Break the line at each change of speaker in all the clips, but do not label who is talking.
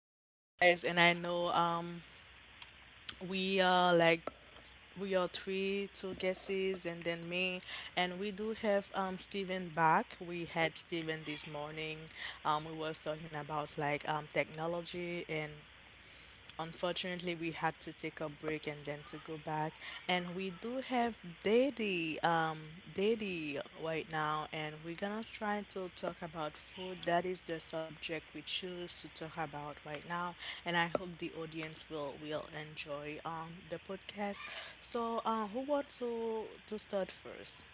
back, guys. And I know we are like, we are three, two guesses, and then me. And we do have Steven back. We had Steven this morning. We was talking about like technology and unfortunately, we had to take a break and then to go back. And we do have Daddy, Daddy right now, and we're gonna try to talk about food. That is the subject we choose to talk about right now, and I hope the audience will enjoy the podcast. So, who wants to start first?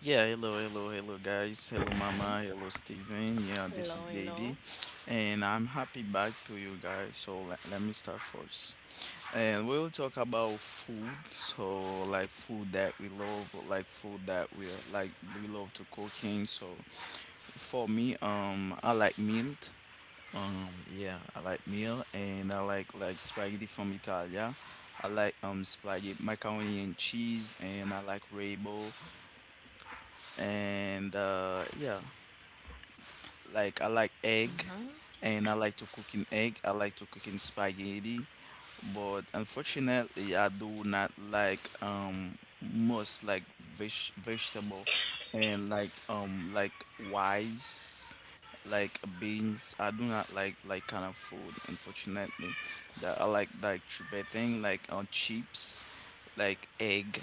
Yeah, hello, hello, hello, guys. Hello, Mama. Hello, Steven. Yeah, this
Hello,
is
hello.
Daddy, and I'm happy back to you guys. So let me start first, and we will talk about food. So like food that we love, like food that we like we love to cooking. So for me, I like meat. Yeah, I like meal, and I like spaghetti from Italia. I like spaghetti macaroni and cheese, and I like rainbow and yeah. Like I like egg,
Mm-hmm.
and I like to cook in egg. I like to cook in spaghetti, but unfortunately, I do not like most like vegetable and like rice, like beans. I do not like like kind of food. Unfortunately, that I like tripe thing like on chips, like egg,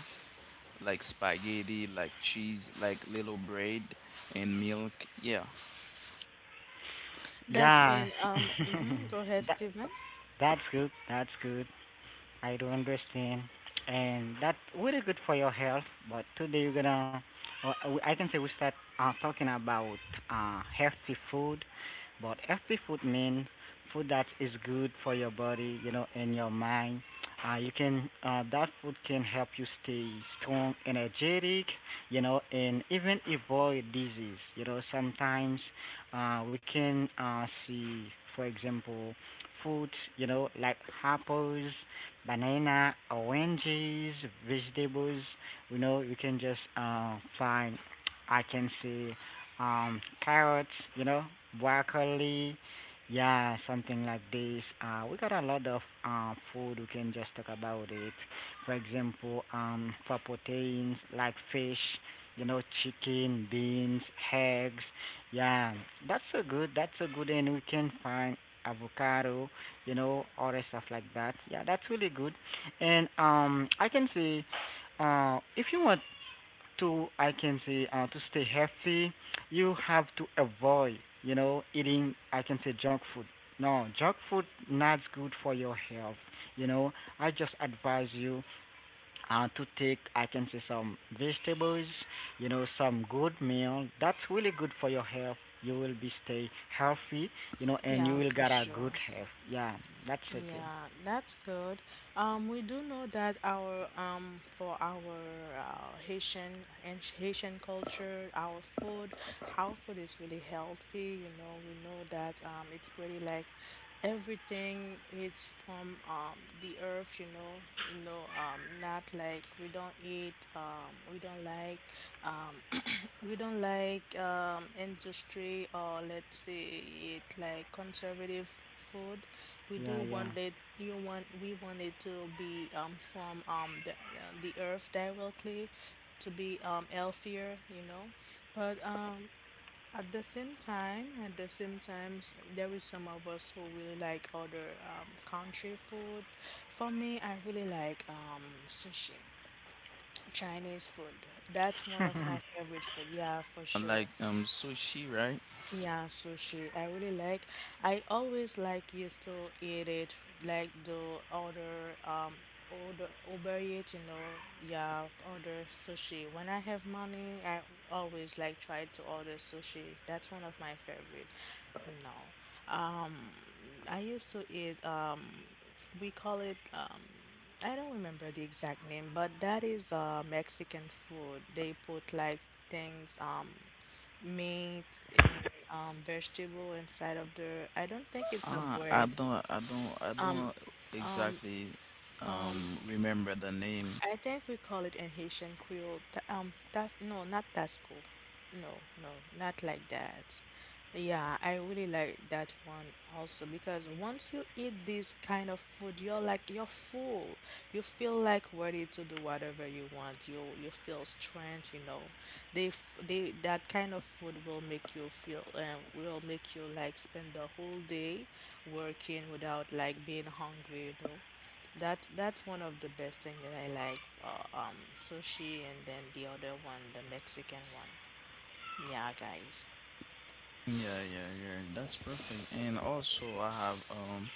like spaghetti, like cheese, like little bread and milk. Yeah.
That's
Yeah.
mean. Mm-hmm. Go ahead,
That
Stephen.
that's good. That's good. I do understand, and that's really good for your health. But today we're gonna, or I can say we start talking about healthy food. But healthy food means food that is good for your body, you know, and your mind. You can that food can help you stay strong, energetic, you know, and even avoid disease. You know, sometimes we can see, for example, food, you know, like apples, banana, oranges, vegetables. You know, you can just find. I can see carrots. You know, broccoli. Yeah, something like this. We got a lot of food. We can just talk about it. For example, for proteins like fish. You know, chicken, beans, eggs. Yeah, that's so good. That's so good, and we can find avocado, you know, other stuff like that. Yeah, that's really good. And I can say, if you want to, I can say, to stay healthy, you have to avoid, you know, eating, I can say, junk food. No, junk food not good for your health. You know, I just advise you to take, I can say, some vegetables, you know, some good meal. That's really good for your health. You will be stay healthy, you know, and you
Yeah,
will
for
get a good
sure.
health. Yeah, that's okay.
Yeah, that's good. We do know that our for our Haitian and Haitian culture, our food is really healthy. You know, we know that it's pretty like everything it's from the earth. You know not like um we don't like industry or let's say it like conservative food. We
Yeah,
do
yeah.
want it. You want we want it to be from the earth directly, to be healthier. You know, but at the same time, there is some of us who really like other country food. For me, I really like sushi. Chinese food. That's one of my favorite food. Yeah, for sure.
Like sushi, right?
Yeah, sushi. I really like. I always like used to eat it like the other order overeat, you know, yeah, order sushi. When I have money, I always like try to order sushi. That's one of my favorite, you know. Um, I used to eat we call it I don't remember the exact name, but that is Mexican food. They put like things, meat and vegetable inside of the I don't think it's a
Ah, I
bread.
don't, I don't, I don't exactly remember the name.
I think we call it an Haitian creole. That's no, not tasco. No, no, not like that. Yeah, I really like that one also because once you eat this kind of food, you're like you're full. You feel like ready to do whatever you want. You feel strength, you know. They that kind of food will make you feel will make you like spend the whole day working without like being hungry, you know. That's one of the best thing that I like. Sushi and then the other one, the Mexican one. Yeah, guys.
Yeah, yeah, yeah. That's perfect. And also, I have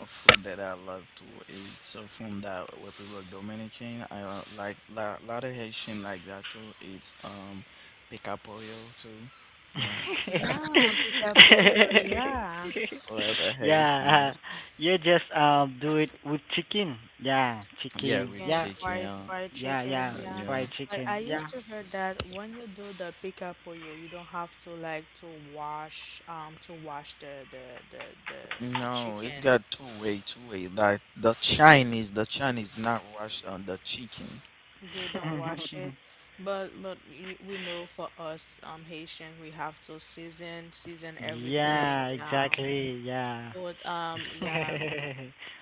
a food that I love to eat. So from that Republic Dominican, I like la lot of Haitian like that too. It's pica pollo too. Yeah,
Yeah, pica pollo. Yeah,
a lot of Haitian.
yeah,
Like.
you just do it with chicken. Yeah,
Yeah,
chicken.
rich
chicken,
Yeah,
chicken.
fried fried
yeah,
chicken.
yeah.
Yeah,
Yeah.
Fried
but
chicken.
I used
Yeah.
to hear that when you do the pica pollo, you don't have to like to wash the
No, it's
chicken.
got two way, two way. Like the Chinese not wash the chicken.
They don't wash it, but we know for us Haitian we have to season everything.
yeah,
Yeah,
exactly. Yeah.
put yeah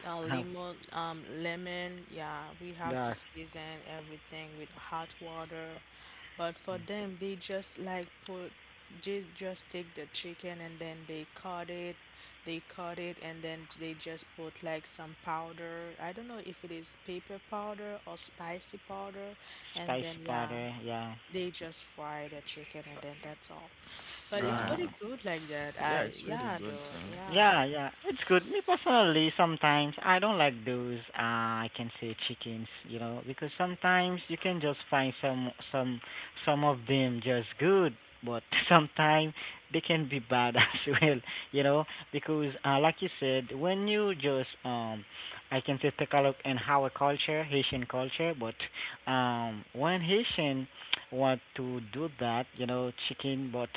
Uh,
lemon, lemon, yeah, we have to
yeah,
season everything with hot water. But for them, they just take the chicken and then they cut it, and then they just put like some powder. I don't know if it is pepper powder or spicy powder, and then
spicy
yeah,
powder. Yeah,
they just fry the chicken and then that's all. But it's
yeah.
pretty
Ah,
good like that.
yeah,
I
it's pretty
yeah,
good
though,
too.
yeah,
Yeah, yeah, it's good. Me personally, sometimes I don't like those. I can say chickens, you know, because sometimes you can just find some of them just good, but sometimes they can be bad as well, you know, because like you said, when you just I can say take a look in our culture, Haitian culture, but when Haitian want to do that, you know, chicken, but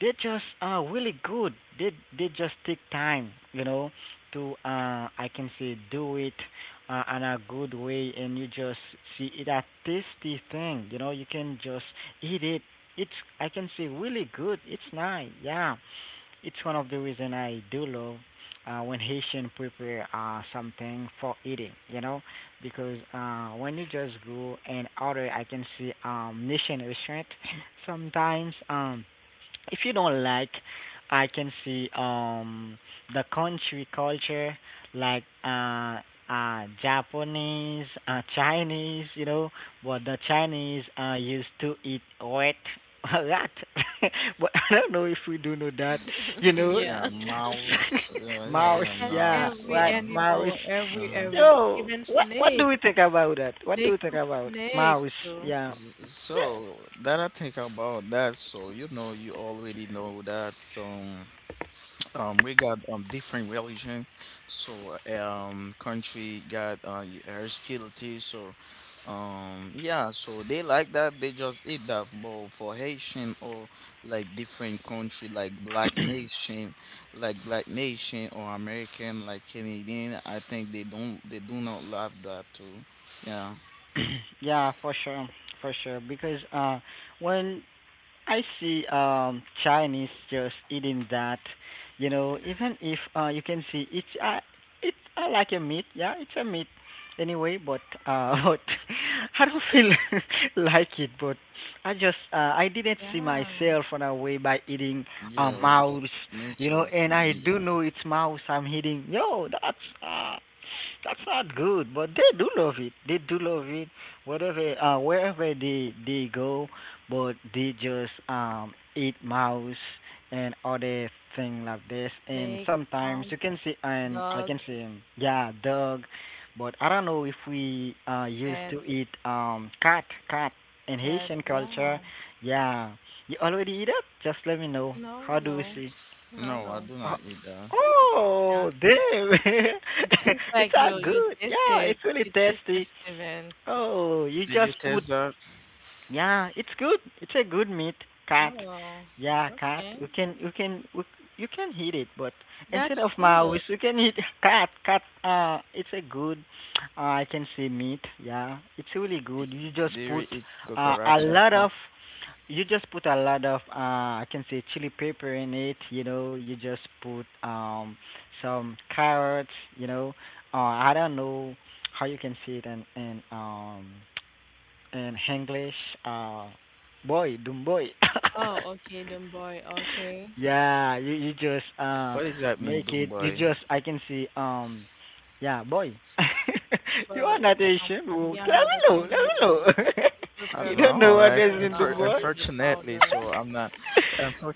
they just are really good. They they just take time, you know, to I can say do it in a good way, and you just see it a tasty thing. You know, you can just eat it. It's I can say really good. It's nice. Yeah, it's one of the reason I do love. When Haitian prepare something for eating, you know, because when you just go and order, I can see Haitian restaurant. Sometimes if you don't like, I can see the country culture like Japanese, Chinese, you know, but the Chinese used to eat rat rat. but I don't know if we do know that, you know.
Yeah,
Yeah.
mouse. Yeah, yeah,
mouse,
yeah,
And
yeah,
mouse. Uh
every
rat
huh.
mouse.
animal,
Uh
every
huh.
every
Yo,
even
what do
snake,
we think about that? What do
they
we think
cook
about
snake
mouse?
too.
Yeah.
So that I think about that. So you know, you already know that. So we got different religion, so country got hostility, so yeah, so they like that they just eat that. But for Haitian or like different country like Black Nation or American like Canadian, I think they don't they do not love that too. Yeah,
Yeah, for sure, for sure. Because when I see Chinese just eating that, you know, even if you can see it's like a meat, yeah, it's a meat anyway, but but I don't feel like it, but I just I didn't see
Yeah,
myself on a way by eating a
yeah,
mouse,
me
you know,
too.
and
Um,
I do know it's mouse I'm eating. Yo, uh that's not good. But they do love it. They do love it. Whatever, wherever they go, but they just eat mouse and other thing like this. And
snake,
sometimes
um,
you can see, and I
dog,
can see, yeah, dog. But I don't know if we used
cat,
to eat cat, cat in
cat.
Haitian
Yeah.
culture. Yeah, you already eat it? Just let me know.
No,
How do we
no,
see?
no,
No, I
no,
do
Oh,
not eat that.
oh
not yet.
damn.
It seems
it's
like
all
you you
good. Yeah,
tasted
it's really
you tasted
tasty.
Steven.
Oh, you
Did you
just put
taste that?
yeah, it's good. It's a good meat, cat.
Oh,
Yeah, cat.
okay.
You can eat it, but instead
That's
of
cool.
mouse, you can eat cat. Cat. It's a good. I can say meat. Yeah, it's really good. You just put
Did you eat
a
cucaracha?
lot of. You just put a lot of. I can say chili pepper in it. You know, you just put some carrots. You know, I don't know how you can say it in English, uh, boy, dumb boy.
Oh, okay, then boy. Okay,
yeah, you just
What does that mean,
make
doom
it. You
boy?
just I can see yeah, boy. you are
but
not
um,
Asian, bro. Let
yeah,
me
the
know. Let
thing we
me know.
do, we
I
you
do
prepare it
don't know what
I,
this is in the
unfor-
boy.
with the
unfortunately,
powder.
so I'm not.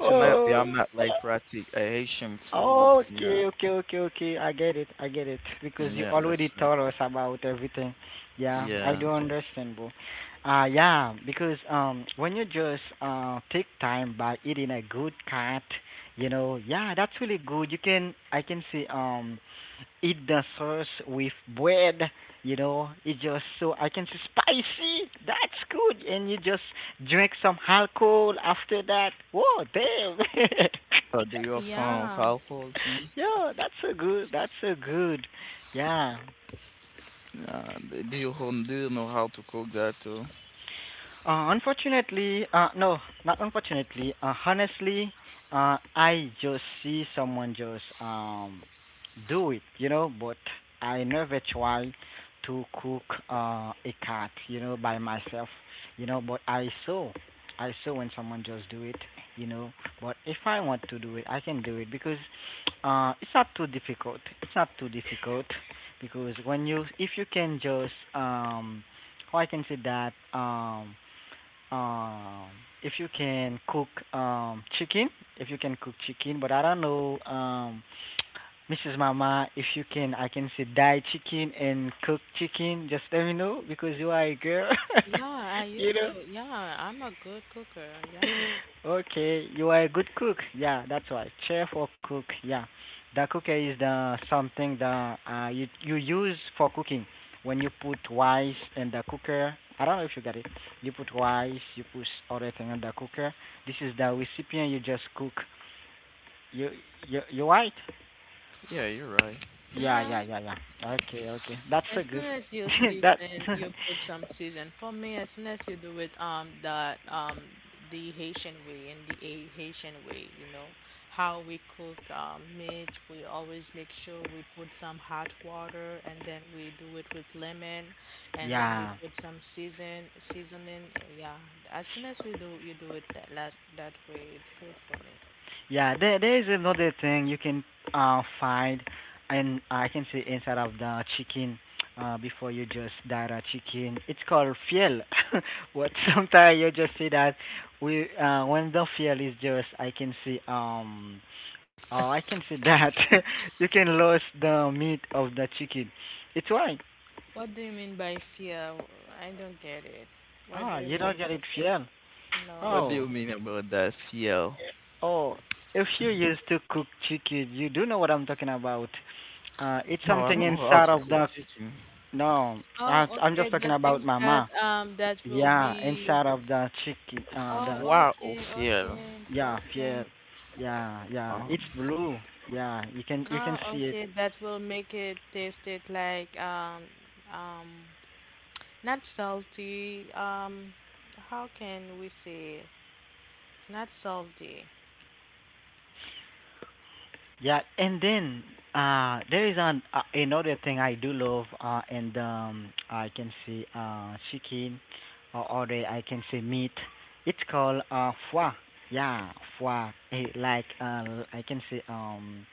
oh,
I'm not like practic a Haitian food. Yeah,
Okay, okay, okay, okay. I get it. I get it. Because you
yeah,
already
that's right.
told us about everything. Yeah, I
Yeah.
do understand, bro. Yeah, because when you just take time by eating a good cat, you know, yeah, that's really good. You can I can see eat the sauce with bread, you know, it just so I can say spicy. That's good. And you just drink some alcohol after that. Whoa, damn.
Do you fan of
Yeah,
alcohol too?
Yeah, that's so good. That's so good. Yeah.
Yeah. Do you do you know how to cook that too?
Unfortunately, no, not unfortunately. Honestly, I just see someone just do it, you know. But I never try to cook a cat, you know, by myself, you know. But I saw when someone just do it, you know. But if I want to do it, I can do it because it's not too difficult. It's not too difficult because if you can just how I can say that um if you can cook chicken, if you can cook chicken, but I don't know Mrs. Mama, if you can, I can say dye chicken and cook chicken. Just let me know because you are a girl,
Yeah, I
you
used
know.
to. Yeah, I'm a good cooker. Yeah.
Okay, you are a good cook. Yeah, that's why Chef or cook. Yeah, the cooker is the something that uh you use for cooking. When you put rice in the cooker, I don't know if you got it. You put rice, you put other thing in the cooker. This is the recipient you just cook. You you right?
Yeah, you're right.
Yeah
Yeah.
yeah yeah yeah. Okay okay, that's so
As
good.
soon as you
that
season, you put some season. For me, as soon as you do it, that the Haitian way and the A Haitian way, you know, how we cook meat, we always make sure we put some hot water and then we do it with lemon and then we
yeah.
put some seasoning. Yeah, as soon as we do you do it that way, it's good for me.
Yeah, there is another thing you can find and I can say inside of the chicken before you just dye the chicken. It's called fiel. what sometimes you just see that we when the fiel is just I can see oh I can see that you can lose the meat of the chicken. It's why.
What do you mean by fear? I don't get it. What do
Ah,
you
you
mean
don't get it
exactly?
fiel.
No.
What do
Oh.
you mean about that fiel?
Oh, if you used to cook chicken, you do know what I'm talking about. It's
No, I
something
don't know how
inside
to
of
cook
the
chicken.
no. I,
Oh,
I'm
okay.
just talking
The
about
things
mama.
that that will
Yeah,
be.
inside of the chicken.
Oh,
The
Foie or
okay,
fiel.
okay,
yeah,
okay.
yeah, yeah.
Um,
It's blue. Yeah, you can
Oh,
see it.
okay. That will make it taste it like um not salty. How can we say not salty?
Yeah, and then there is an another thing I do love, and I can say chicken, or other I can say meat. It's called foie. Yeah, foie. Eh, Like I can say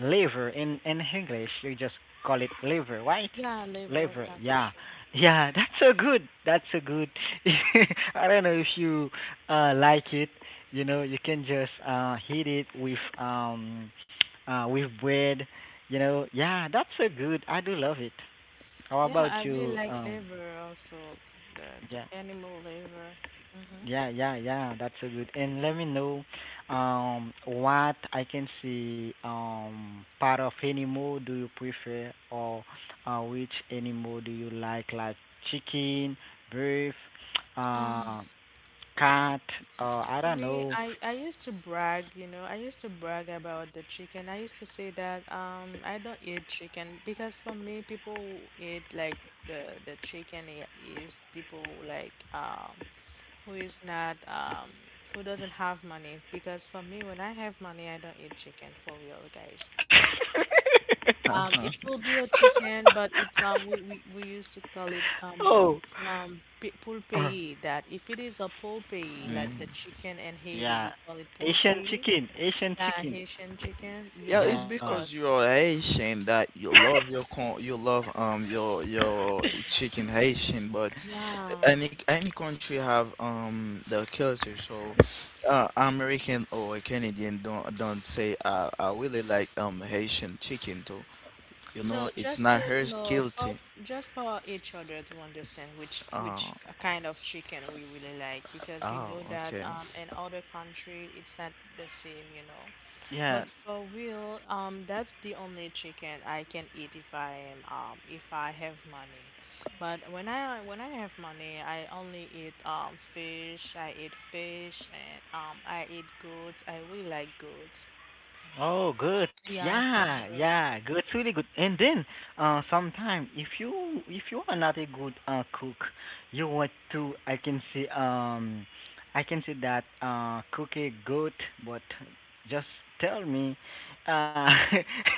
liver in English. You just call it liver, right?
Yeah, liver.
Liver.
Yeah, for
Yeah,
sure.
yeah. That's so good. That's so good. I don't know if you like it. You know, you can just hit it with bread, you know. Yeah, that's so good. I do love it. How
Yeah,
about
I really
you?
like liver also. The
Yeah.
animal liver. Mm-hmm.
Yeah, yeah, yeah, that's so good. And let me know what I can see part of any animal do you prefer or which animal do you like chicken, beef, uh cat, or I
For
don't
me,
know.
I used to brag, you know, I used to brag about the chicken. I used to say that I don't eat chicken because for me people who eat like the chicken is people who, who is not, who doesn't have money, because for me when I have money I don't eat chicken, for real guys, for real.
uh-huh.
It will be a chicken, but it's we used to call it pulpei. That if it is a pulpei,
Mm.
like the chicken in Haiti
Yeah.
we call it
Asian
pulpei,
chicken, Asian
yeah,
chicken.
Haitian chicken, you
Yeah, it's
of
Yeah.
because
course,
you're Haitian that you love your con you love your chicken Haitian, but
yeah,
any country have the culture. So, American or Canadian don't say I really like Haitian chicken too. You
no,
know, it's
just to,
not her
no, for
guilty.
just for each other to understand
Oh,
which kind of chicken we really like, because we
oh,
know that
okay.
in other country it's not the same, you know.
Yeah.
But for real, that's the only chicken I can eat if I am if I have money. But when I have money, I only eat fish. I eat fish and I eat goats. I really like goats.
Oh, good.
Yeah, for
Yeah,
sure.
yeah, good. It's really good. And then, sometime if you are not a good cook, you want to I can say that cook a good, but just tell me, uh,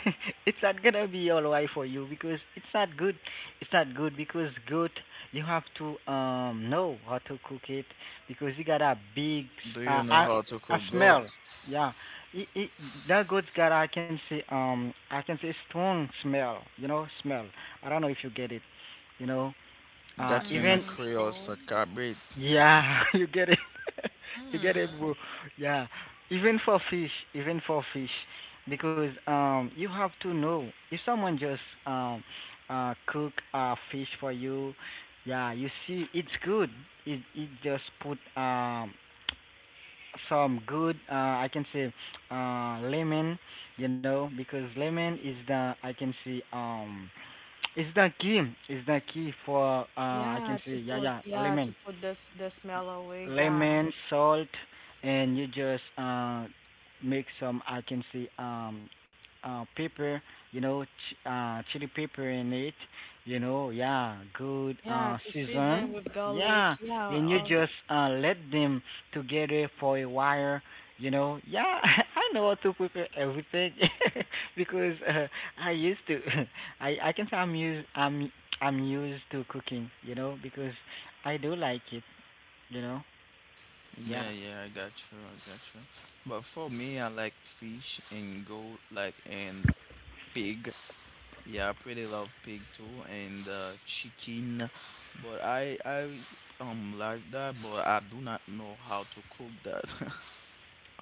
it's not gonna be alright for you because it's not good. It's not good because good you have to know how to cook it because you got a big
Do
uh,
you know
a
how to
a
cook goat?
smell. Yeah, it, it, that goods that I can see strong smell. You know, smell. I don't know if you get it. You know,
That's when a
even
Mm,
Creole
no.
sacabre.
yeah, you get it. you get it,
Mm.
bro. Yeah, even for fish, because you have to know if someone just um, cook fish for you. Yeah, you see, it's good. It just put some good I can say lemon, you know, because lemon is the I can say is the key, is the key for I can say yeah yeah
Yeah to
lemon,
put this the smell away. Yeah,
lemon, salt, and you just make some. I can see pepper, you know, chili pepper in it. You know, yeah, good
yeah to season
season.
with garlic.
Yeah,
Yeah,
and you
all
just let them together for a while. You know, yeah, I know how to prepare everything because I used to. I can say I'm used to cooking. You know, because I do like it. You know. Yeah.
Yeah, yeah, I got you, I got you. But for me, I like fish and goat, like and pig. Yeah, I pretty love pig too, and chicken. But I like that, but I do not know how to cook that.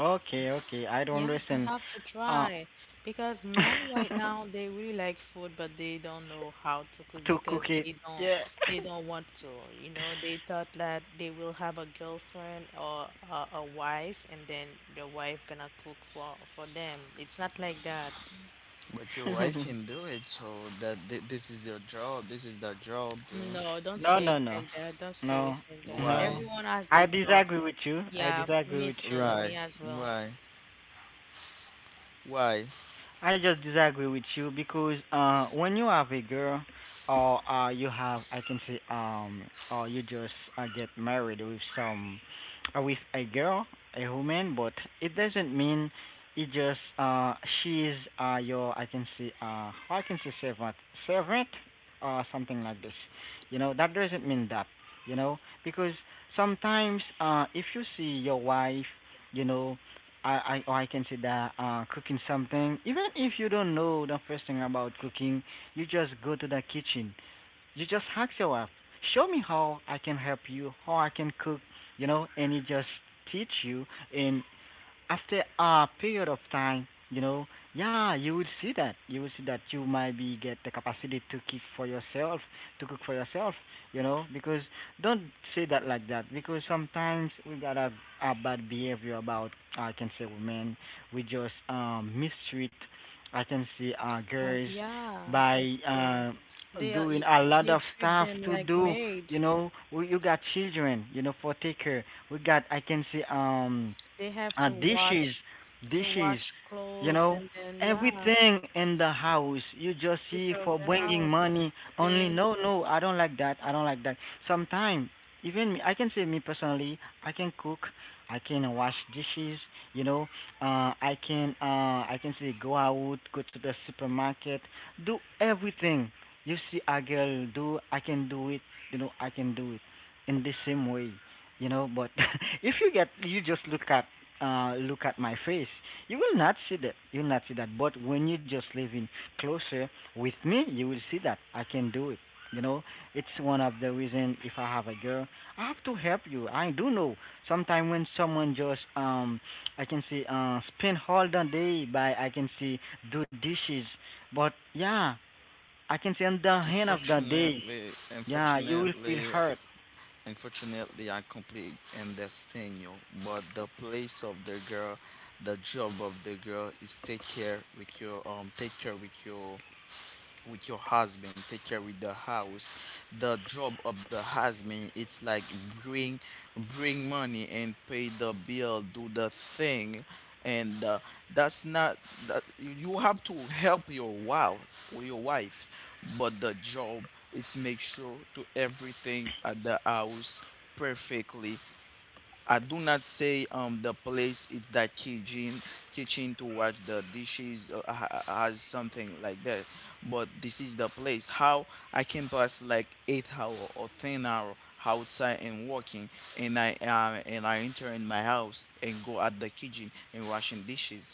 Okay, okay. I don't
Yeah, you
listen.
have to
Uh,
try because men right now they really like food, but they don't know how to cook
to
because
cook it. Yeah.
they don't want to. You know, they thought that they will have a girlfriend or a wife, and then the wife gonna cook for them. It's not like that.
But your wife can do it, so that this is your job. This is the job, too.
No, don't
no,
say it
no, no,
like that. Don't say it
no,
like that.
no.
Why?
Everyone has
I
their part.
disagree with you. I
Yeah,
disagree
me
with
too.
you.
Why?
Me as well.
Why? Why?
I just disagree with you because when you have a girl or you have, I can say, or you just get married with some, with a girl, a woman, but it doesn't mean it just she is your, I can say servant, servant, or something like this. You know, that doesn't mean that. You know, because sometimes if you see your wife, you know, I, or I can say that cooking something, even if you don't know the first thing about cooking, you just go to the kitchen. You just ask your wife, show me how I can help you, how I can cook, you know, and he just teach you. And after a period of time, you know, yeah, you will see that. You will see that you might be get the capacity to cook for yourself, to cook for yourself, you know, because don't say that like that because sometimes we got a bad behavior about I can say women. We just mistreat I can say girls
Yeah, for
by
sure. They are,
doing a lot
they
of
treat
stuff
them
to
like
do,
maid.
you know. We you got children, you know, for take care. We got I can say
They have to
dishes,
watch, to
dishes,
wash
you
clothes
know,
and then, yeah,
everything in the house. You just
take
see
care of
for
the
bringing
house,
money only.
clean.
No, no, I don't like that. I don't like that. Sometimes, even me, I can say me personally, I can cook, I can wash dishes. You know, I can say go out, go to the supermarket, do everything. You see a girl do, I can do it. You know, I can do it in the same way, you know, but if you get you just look at my face. You will not see that. You will not see that. But when you just live in closer with me, you will see that I can do it. You know, it's one of the reason if I have a girl, I have to help you. I do know. Sometimes when someone just I can see spend all the day by I can see do dishes, but yeah, I can see on the end of the day,
Unfortunately,
yeah, you will feel
unfortunately,
hurt.
Unfortunately, I completely understand you, but the place of the girl, the job of the girl is take care with your take care with your husband, take care with the house. The job of the husband it's like bring bring money and pay the bill do the thing, and that's not that you have to help your wife or your wife, but the job it's make sure to everything at the house perfectly. I do not say the place it's that kitchen, kitchen to wash the dishes has something like that, but this is the place how I can pass like 8 hour or 10 hour outside and working, and I enter in my house and go at the kitchen and washing dishes,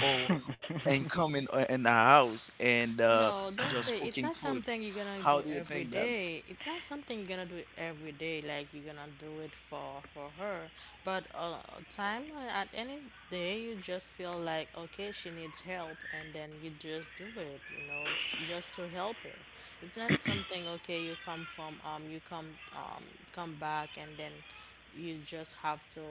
or and coming in the house and
No, don't say,
just
it's
cooking
not
food.
something you're gonna do
How do you
every
think that?
day. It's not something you're gonna do every day, like you're gonna do it for her. But time at any day, you just feel like okay, she needs help, and then you just do it, you know, just to help her. It's not something okay, you come from you come come back, and then you just have to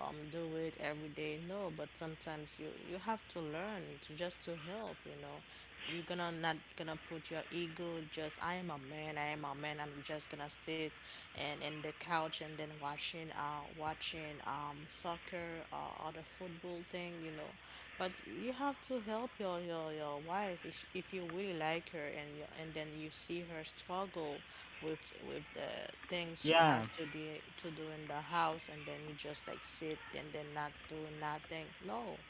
do it every day. No, but sometimes you you have to learn to, just to help. You know, you're gonna not gonna put your ego. Just I am a man. I am a man. I'm just gonna sit and in the couch and then watching soccer or other football something, you know. But you have to help your wife if, if you really like her and and then you see her struggle with the things she
yeah.
has to do in the house and then you just like sit and then not do nothing. No.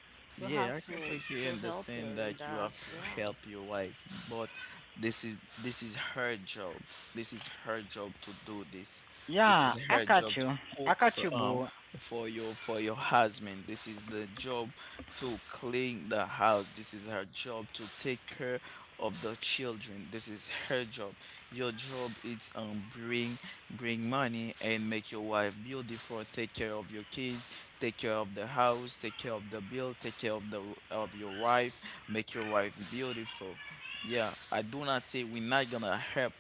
You
Yeah,
have
I
to
completely
to help her
understand
with
that you
that.
have to
Yeah.
help your wife, but this is her job. This is her job to do this. This
Yeah,
is
I
her
got
job
you.
to
I
cook
got you,
uh,
boo.
for your husband. This is the job to clean the house. This is her job to take care of the children. This is her job. Your job is bring bring money and make your wife beautiful, take care of your kids, take care of the house, take care of the bill, take care of the of your wife, make your wife beautiful. Yeah, I do not say we're not gonna help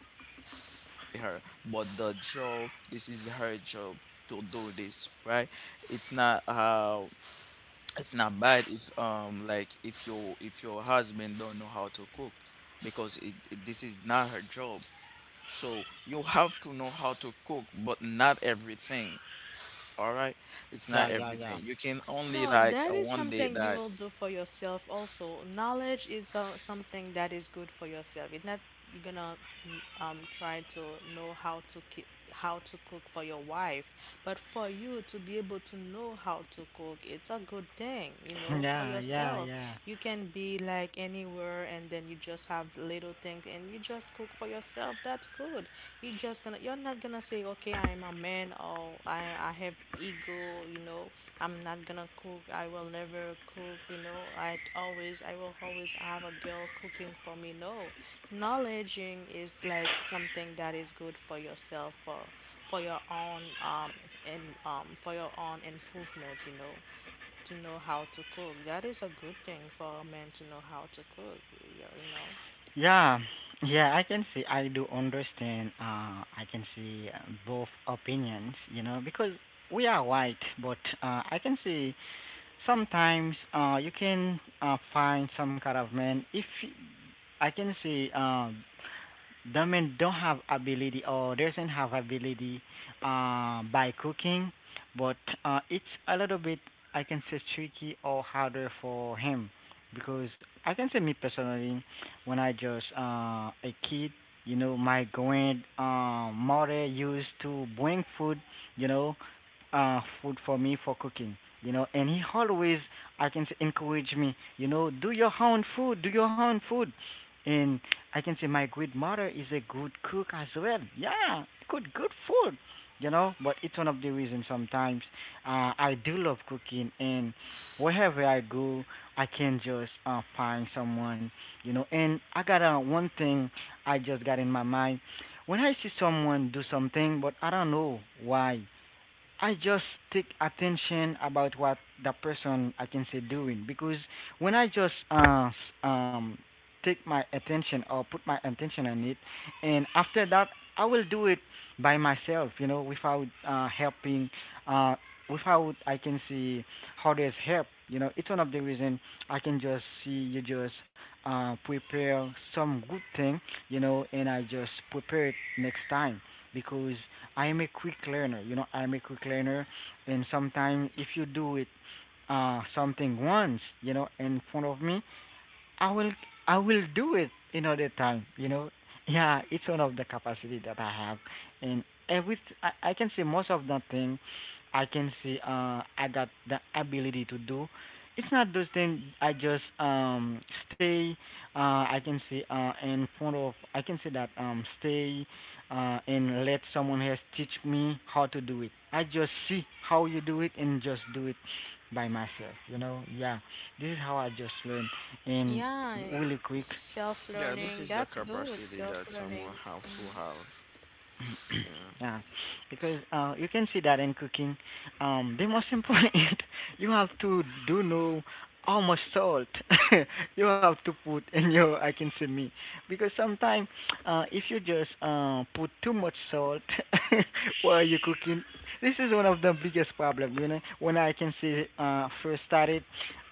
her, but the job, this is her job to do this, right? It's not how it's not bad if like if your husband don't know how to cook because this is not her job. So you have to know how to cook, but not everything. All right, it's not
Yeah, yeah, yeah.
everything. You can only
No,
like
that is
one day
something you
that.
will do for yourself also. Knowledge is something that is good for yourself. It's not you're gonna try to know how to how to cook for your wife, but for you to be able to know how to cook, it's a good thing, you know, for
Yeah, yeah,
yourself.
yeah.
You can be like anywhere and then you just have little things and you just cook for yourself, that's good. You're not gonna say, okay, I am a man or I have ego, you know, I'm not gonna cook, I will never cook, you know, I will always have a girl cooking for me. No. Knowledging is like something that is good for yourself for your own and for your own improvement, you know, to know how to cook. That is a good thing for a man to know how to cook. You know,
Yeah, yeah, I can see, I do understand, I can see both opinions, you know, because we are white, but I can see sometimes you can find some kind of man, if y- I can see the men don't have ability or doesn't have ability by cooking, but it's a little bit I can say tricky or harder for him because I can say me personally when I just a kid, you know, my grand mother used to bring food, you know, food for me for cooking. You know, and he always, I can say, encourage me. You know, do your own food, do your own food. And I can say my grandmother is a good cook as well. Yeah, good, good food. You know, but it's one of the reasons sometimes I do love cooking, and wherever I go, I can just find someone. You know, and I got one thing I just got in my mind when I see someone do something, but I don't know why. I just take attention about what the person I can say doing because when I just um take my attention or put my attention on it, and after that I will do it by myself, you know, without helping, uh without I can see others help. You know, it's one of the reason I can just see you just prepare some good thing, you know, and I just prepare it next time because I am a quick learner. You know, I'm a quick learner, and sometimes if you do it something once, you know, in front of me, I will I will do it another time, you know. Yeah, it's one of the capacity that I have, and every I can say most of the thing I can see I got the ability to do. It's not those things I just stay uh I can see in front of I can say that stay and let someone else teach me how to do it. I just see how you do it and just do it by myself, you know. Yeah, this is how I just learn and
Yeah,
really quick.
Yeah, this
self-learning.
is the
That's good.
capacity that someone
Self-learning.
have to
Hmm
have.
yeah, because you can see that in cooking, the most important you have to do know how much salt you have to put in your I can say me because sometimes if you just put too much salt while you're cooking, this is one of the biggest problem. You know, when I can say first started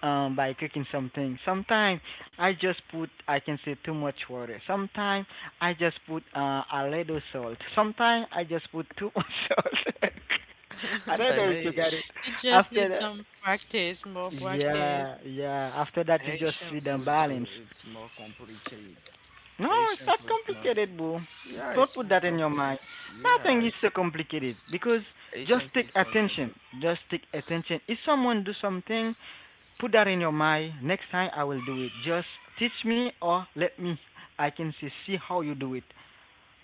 by cooking something, sometimes I just put I can say too much water. Sometimes I just put a little salt. Sometimes I just put too much salt. I don't know if you
hey.
got it.
You just
After
need
that,
some practice, more practice.
yeah, yeah. After that, you just
Haitian
see the
food too,
balance.
it's more complicated.
No, it's
Asian
not
food's more.
complicated, boo.
Yeah,
Don't
it's
put
more
that in your
complicated.
mind.
Yeah,
Nothing is so
it's
complicated because just
Asian
take
food's more complicated.
attention. Just take attention. If someone do something, put that in your mind. Next time I will do it. Just teach me or let me. I can see see how you do it.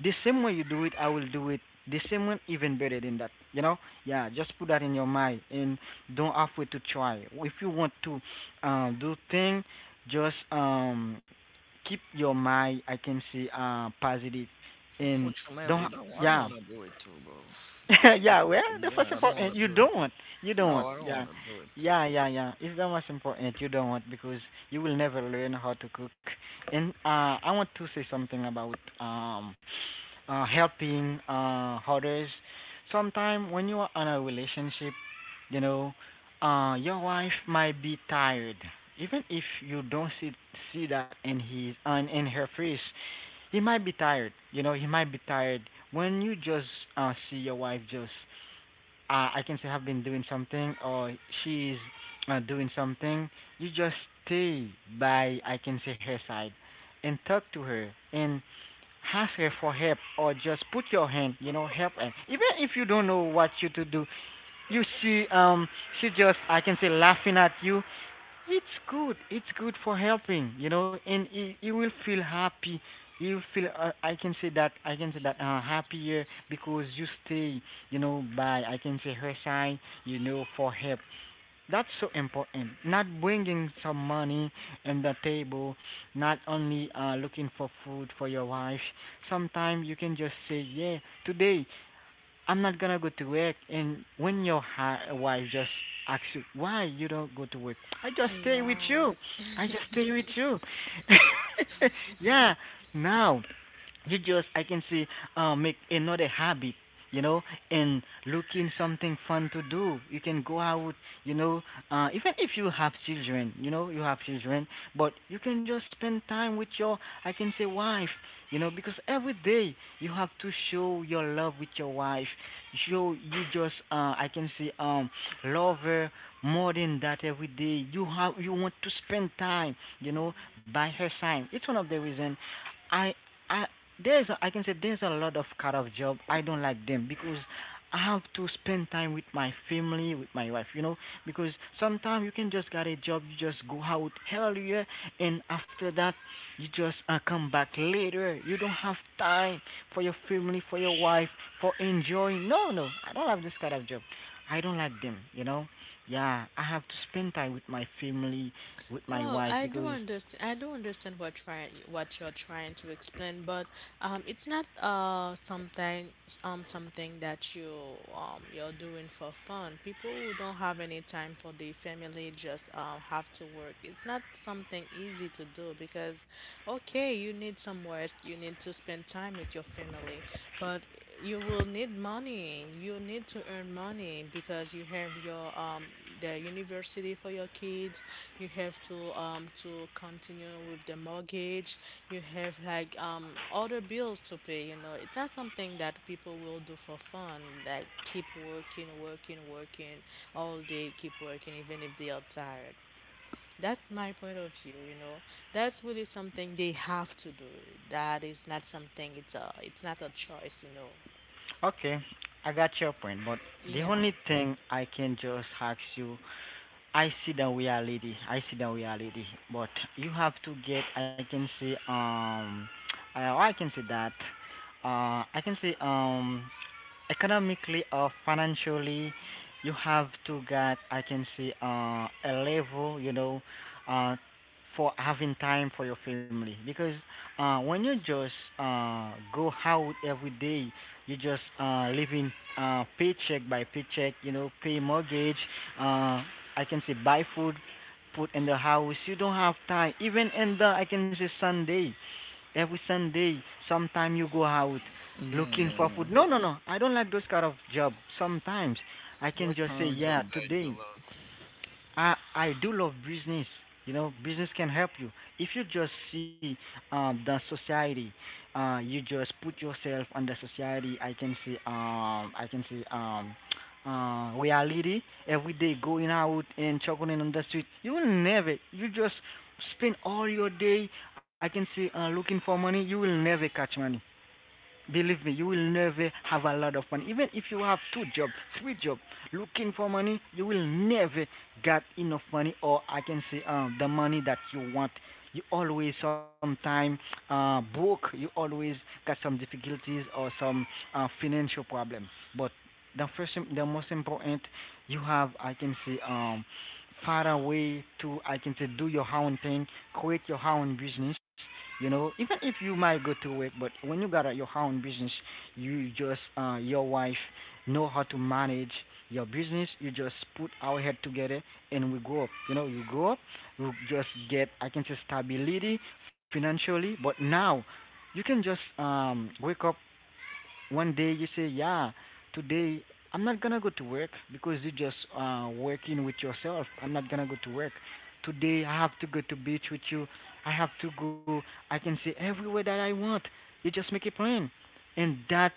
The same way you do it, I will do it. The same way, even better than that. You know, yeah. Just put that in your mind and don't halfway to try. If you want to do thing, just keep your mind, I can say, positive, and
Unfortunately,
don't.
I don't
Yeah,
want to do it too, bro. Unfortunately,
yeah, well,
for
the
me,
first
I don't want
important.
to
You
do it.
don't. You
No,
don't.
I don't
Yeah.
want to do it too.
Yeah, yeah, yeah. It's the most important. You don't because you will never learn how to cook. And I want to say something about um, helping others. Sometimes when you are in a relationship, you know, your wife might be tired, even if you don't see that in his on in her face. He might be tired. You know, he might be tired. When you just see your wife just, I can say, have been doing something or she's doing something, you just stay by, I can say, her side and talk to her and ask her for help or just put your hand, you know, help her. Even if you don't know what you to do, you see, she just, I can say, laughing at you. It's good. It's good for helping, you know, and you will feel happy. You feel I can say that happier because you stay, you know, by I can say her side, you know, for help. That's so important. Not bringing some money on the table, not only looking for food for your wife. Sometimes you can just say, yeah, today I'm not gonna go to work. And when your wife just asks you, why you don't go to work? I just stay with
Yeah.
you. I just stay with you. yeah. Now, you just I can see make another habit, you know, and looking something fun to do. You can go out, you know, even if you have children, you know, you have children, but you can just spend time with your I can say wife, you know, because every day you have to show your love with your wife. Show you just I can say love her more than that every day. You have you want to spend time, you know, by her side. It's one of the reason I I there's a, I can say there's a lot of kind of job I don't like them because I have to spend time with my family, with my wife, you know, because sometimes you can just get a job, you just go out earlier and after that you just come back later. You don't have time for your family, for your wife, for enjoying. No, no, I don't have this kind of job. I don't like them. Yeah, I have to spend time with my family, with my
No,
wife
I do
because...
understand. I do understand what trying what you're trying to explain, but it's not something something that you you're doing for fun. People who don't have any time for their family just have to work. It's not something easy to do because, okay, you need some rest. You need to spend time with your family, but you will need money. You need to earn money because you have your the university for your kids. You have to continue with the mortgage. You have like other bills to pay. It's not something that people will do for fun, like keep working, working, working all day, keep working even if they are tired. That's my point of view. That's really something they have to do. That is not something it's not a choice.
Okay, I got your point, but the
Yeah.
only thing I can just ask you, I see the reality, I see the reality, but you have to get, I can say, I, I can say that, I can say, economically or financially you have to get, I can say, a level, you know, uh, for having time for your family because when you just go out every day, you just living, paycheck by paycheck, you know, pay mortgage, uh, I can say buy food, put in the house. You don't have time even in the, I can say, Sunday, every Sunday. Sometime you go out
Yeah,
looking
yeah,
for food. No,
yeah.
no, no, I don't like those kind of job. Sometimes I can
What
just say,
kind of
yeah,
job that you
today
love?
I do love business. You know, business can help you. If you just see the society, you just put yourself on the society. I can see, reality, every day going out and chugging on the street. You will never. You just spend all your day. I can see, looking for money. You will never catch money. Believe me, you will never have a lot of money. Even if you have two jobs, three jobs, looking for money, you will never get enough money, or I can say, the money that you want. You always sometime broke. You always got some difficulties or some financial problem. But the first, the most important, you have, I can say, far away to, I can say, do your own thing, create your own business, you know, even if you might go to work. But when you got your own business, you just your wife know how to manage your business. You just put our head together and we grow up. You know, you grow up, you just get, I can say, stability financially. But now, you can just wake up one day, you say, yeah, today I'm not gonna go to work because you just working with yourself. I'm not gonna go to work. Today I have to go to beach with you. I have to go. I can see everywhere that I want. You just make a plan, and that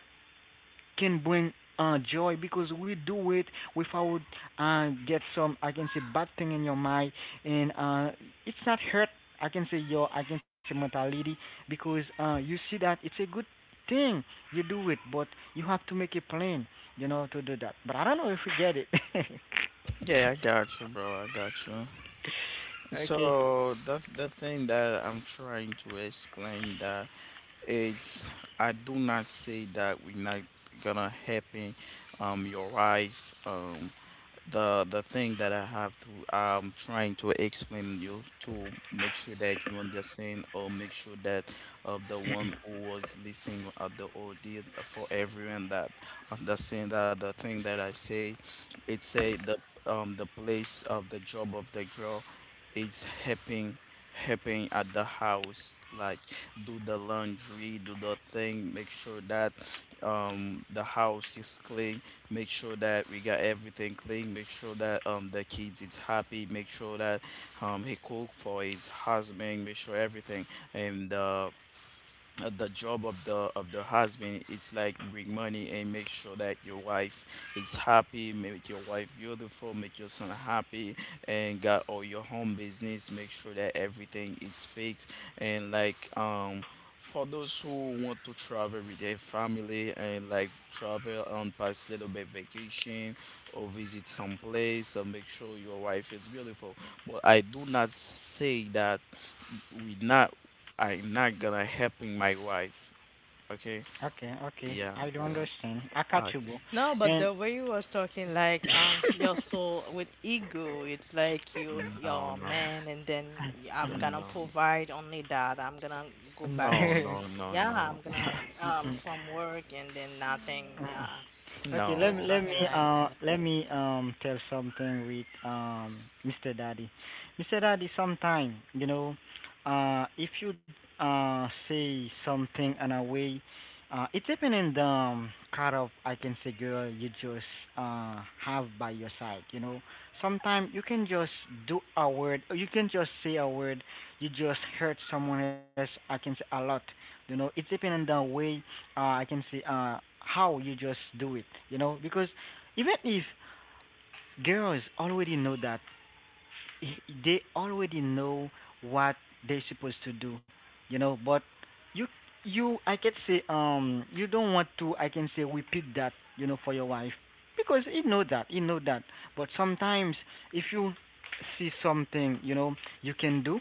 can bring joy because we do it without get some, I can say, bad thing in your mind, and it's not hurt, I can say, your, I can say, mentality because you see that it's a good thing you do it, but you have to make a plan, you know, to do that. But I don't know if you get it.
Yeah, I got you, bro. I got you.
Okay,
So that's the thing that I'm trying to explain that is I do not say that we're not gonna happen your wife the thing that I have to I'm trying to explain you to make sure that you understand or make sure that the one who was listening at the audio for everyone that understand that the thing that I say it say the place of the job of the girl it's helping, helping at the house like do the laundry do the thing, make sure that the house is clean, make sure that we got everything clean, make sure that the kids is happy, make sure that he cook for his husband, make sure everything, and the job of the husband it's like bring money and make sure that your wife is happy, make your wife beautiful, make your son happy, and got all your home business, make sure that everything is fixed, and like for those who want to travel with their family and like travel on past little bit vacation or visit some place and make sure your wife is beautiful, but I do not say that we not I'm not gonna helping my wife. Okay?
okay, okay. I
Yeah,
do
yeah.
understand, I catch
I,
you, bro.
No, but
And
the way you was talking, like you're so with ego, it's like you
no,
you're a
no,
man, and then I'm
Mm-mm.
no,
gonna provide only that. I'm gonna go
no,
back to
no, no,
yeah,
no,
I'm gonna
Mm-mm.
from work and then nothing.
Mm-mm.
Yeah,
Okay,
you
let
was
me
no.
let me
talking like that.
let me tell something with Mr. Daddy. Mr. Daddy, sometime you know, if you say something in a way, it's depending the kind of, I can say, girl you just have by your side. You know, sometimes you can just do a word, or you can just say a word, you just hurt someone else. I can say a lot. You know, it's depending the way I can see, how you just do it, you know, because even if girls already know that, they already know what they're supposed to do, you know, but you you I can say, you don't want to, I can say, repeat that, you know, for your wife because he know that, he know that, but sometimes if you see something, you know, you can do,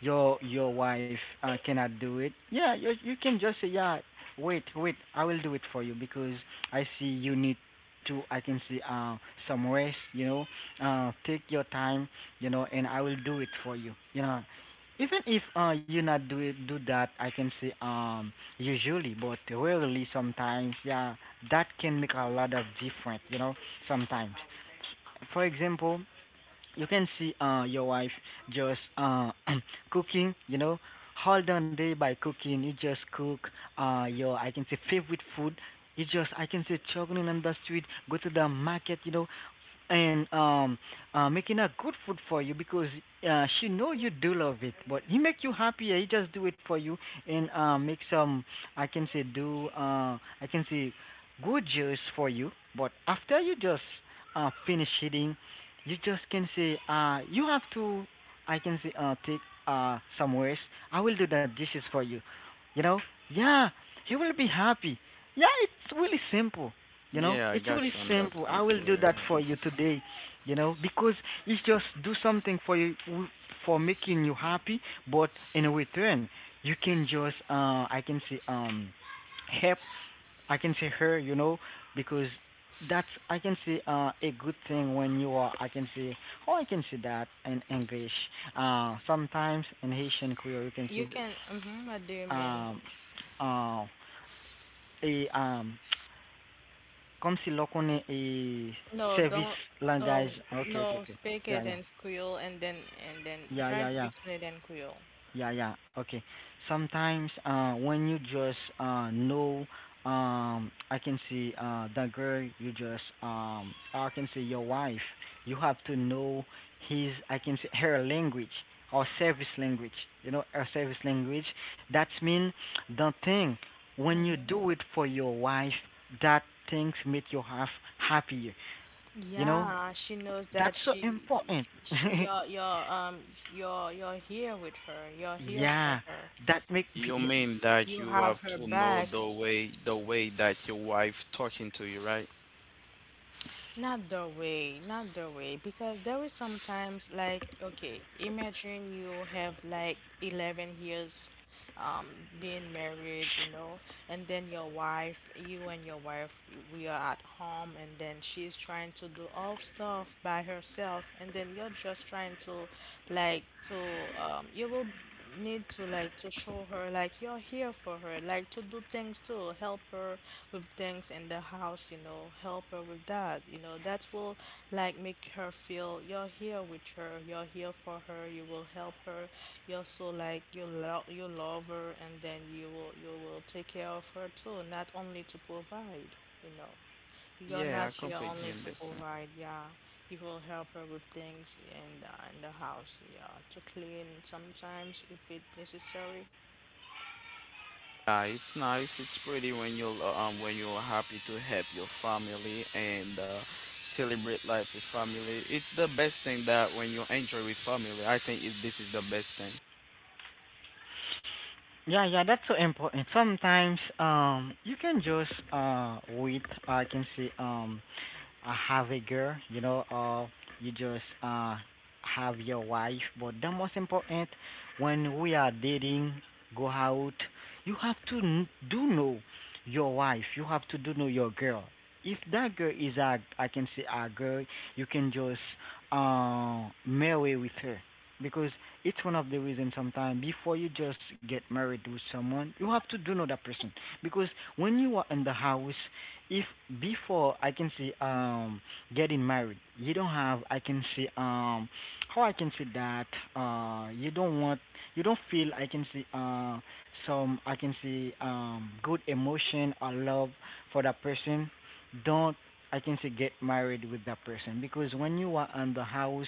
your wife cannot do it. Yeah, you can just say, yeah, wait, I will do it for you because I see you need to, I can see, some rest, you know, take your time, you know, and I will do it for you, you know, even if you not do it, do that, I can say, usually, but rarely sometimes, yeah, that can make a lot of difference, you know. Sometimes, for example, you can see your wife just cooking, you know, whole done day by cooking. You just cook your, I can say, favorite food. You just, I can say, struggling on the street, go to the market, you know, and making a good food for you because she know you do love it, but he make you happy, he just do it for you and make some, I can say, do, I can say, good juice for you. But after, you just finish eating, you just can say, you have to, I can say, take some rest. I will do the dishes for you, you know, yeah, he will be happy. Yeah, it's really simple, you know,
Yeah, I
it's really
got you on that
simple. I
point.
will do
Yeah, I
that
got
for you today. You know, because it's just do something for you for making you happy, but in return, you can just I can say, help. I can say her. You know, because that's, I can say, a good thing when you are. I can say, oh, I can say that in English. Sometimes in Haitian Creole you can
You
say
can. Mm-hmm, what do you mean?
um uh a Comme si l'on connaît et
No,
service
don't.
langage.
No,
Okay, okay,
no.
okay.
Speak
Yeah,
it
yeah,
in Creole, and then
yeah,
try
yeah,
to
yeah,
explain it in Creole.
yeah, yeah. Okay. Sometimes when you just know, I can see the girl you just I can see your wife. You have to know his, I can say, her language or service language. You know her service language. That means the thing when you
Mm-hmm.
do it for your wife, that things make your wife happier. You know,
Yeah, she knows that
that's so important.
she you're here with her. You're here for
Yeah,
her.
that make
you. You
me-
mean that
You
you
have
have
her
to know
back.
the way that your wife talking to you, right?
Not the way, not the way, because there is sometimes like okay, imagine you have like 11 years being married, and then your wife, you and your wife, you, we are at home and then she's trying to do all stuff by herself and then you're just trying to like to you will need to like to show her like you're here for her, like to do things to help her with things in the house, help her with that. That will like make her feel you're here with her, you're here for her, you will help her. You're so like you love her and then you will take care of her too, not only to provide, you know. You're
Yeah,
not
I
here
completely
only to
understand.
provide, yeah. You will help her with things in the house, yeah. To clean sometimes if it necessary.
Yeah, it's nice. It's pretty when you're happy to help your family and celebrate life with family. It's the best thing that when you enjoy with family. I think this is the best thing.
yeah, yeah, that's so important. Sometimes you can just wait. I can say, have a girl, you know, or you just have your wife. But the most important, when we are dating, go out, you have to do know your wife. You have to do know your girl. If that girl is a, I can say, a girl, you can just marry with her because it's one of the reasons sometimes before you just get married with someone, you have to do know that person. Because when you are in the house, if before, I can see, getting married, you don't have, I can see, how I can see that you don't want, you don't feel, I can see, some, I can see, good emotion or love for that person, don't, I can say, get married with that person because when you are on the house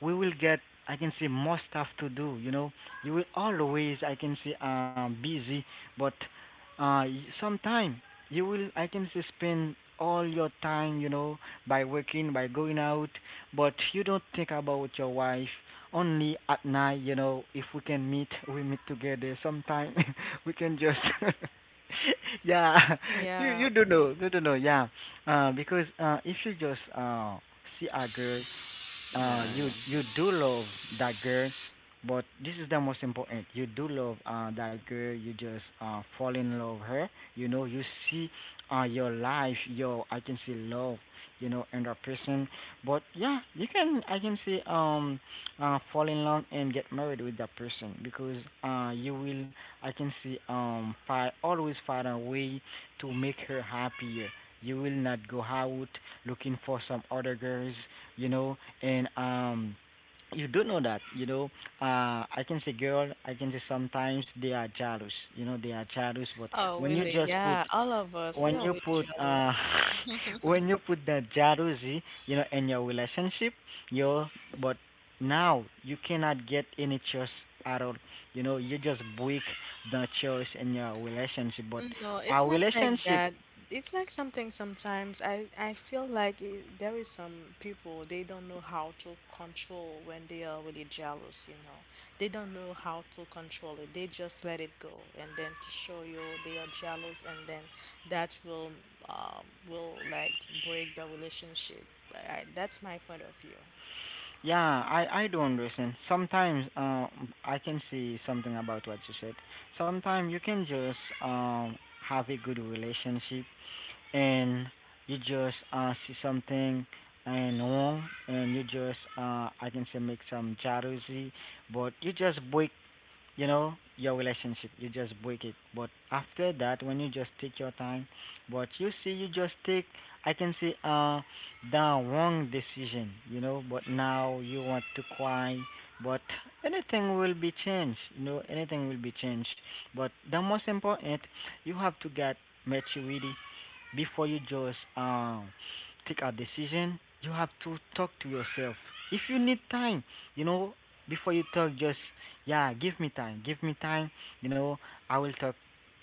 we will get, I can say, more stuff to do, you know. You will always, I can say, busy, but uh sometime you will, I can say, spend all your time, you know, by working, by going out, but you don't think about your wife, only at night, you know. If we can meet, we meet together sometime we can just yeah you
Yeah.
you don't know, you don't know, yeah, because if you just see a girl, you
Yeah,
you do love that girl. But this is the most important, you do love that girl, you just fall in love her, you know, you see your life, your, I can see, love, you know, in that person. But yeah, you can, I can see, fall in love and get married with that person because you will, I can see, find, always find a way to make her happier. You will not go out looking for some other girls, you know, and you do know that, you know, I can say girl, I can say sometimes they are jealous, you know, they are jealous. But
Oh,
when you
really?
just put,
Yeah. All of us, we
when you
always
put
jealous.
when you put the jealousy, you know, in your relationship, your, but now you cannot get any choice at all. You know, you just break the choice in your relationship. But
No, it's
our
not like
relationship...
that. It's like something sometimes I feel like it, there is some people they don't know how to control when they are really jealous. They don't know how to control it. They just let it go and then to show you they are jealous and then that will like break the relationship. That's my point of view.
Yeah, I do understand. Sometimes I can see something about what you said. Sometimes you can just um have a good relationship and you just see something and wrong, and you just I can say make some jealousy, but you just break you know your relationship, you just break it. But after that, when you just take your time, but you see, you just take, I can say the wrong decision, you know, but now you want to cry. But anything will be changed, you know, anything will be changed. But the most important, you have to get maturity before you just take a decision. You have to talk to yourself if you need time, you know, before you talk. Just, yeah, give me time, give me time, you know. I will talk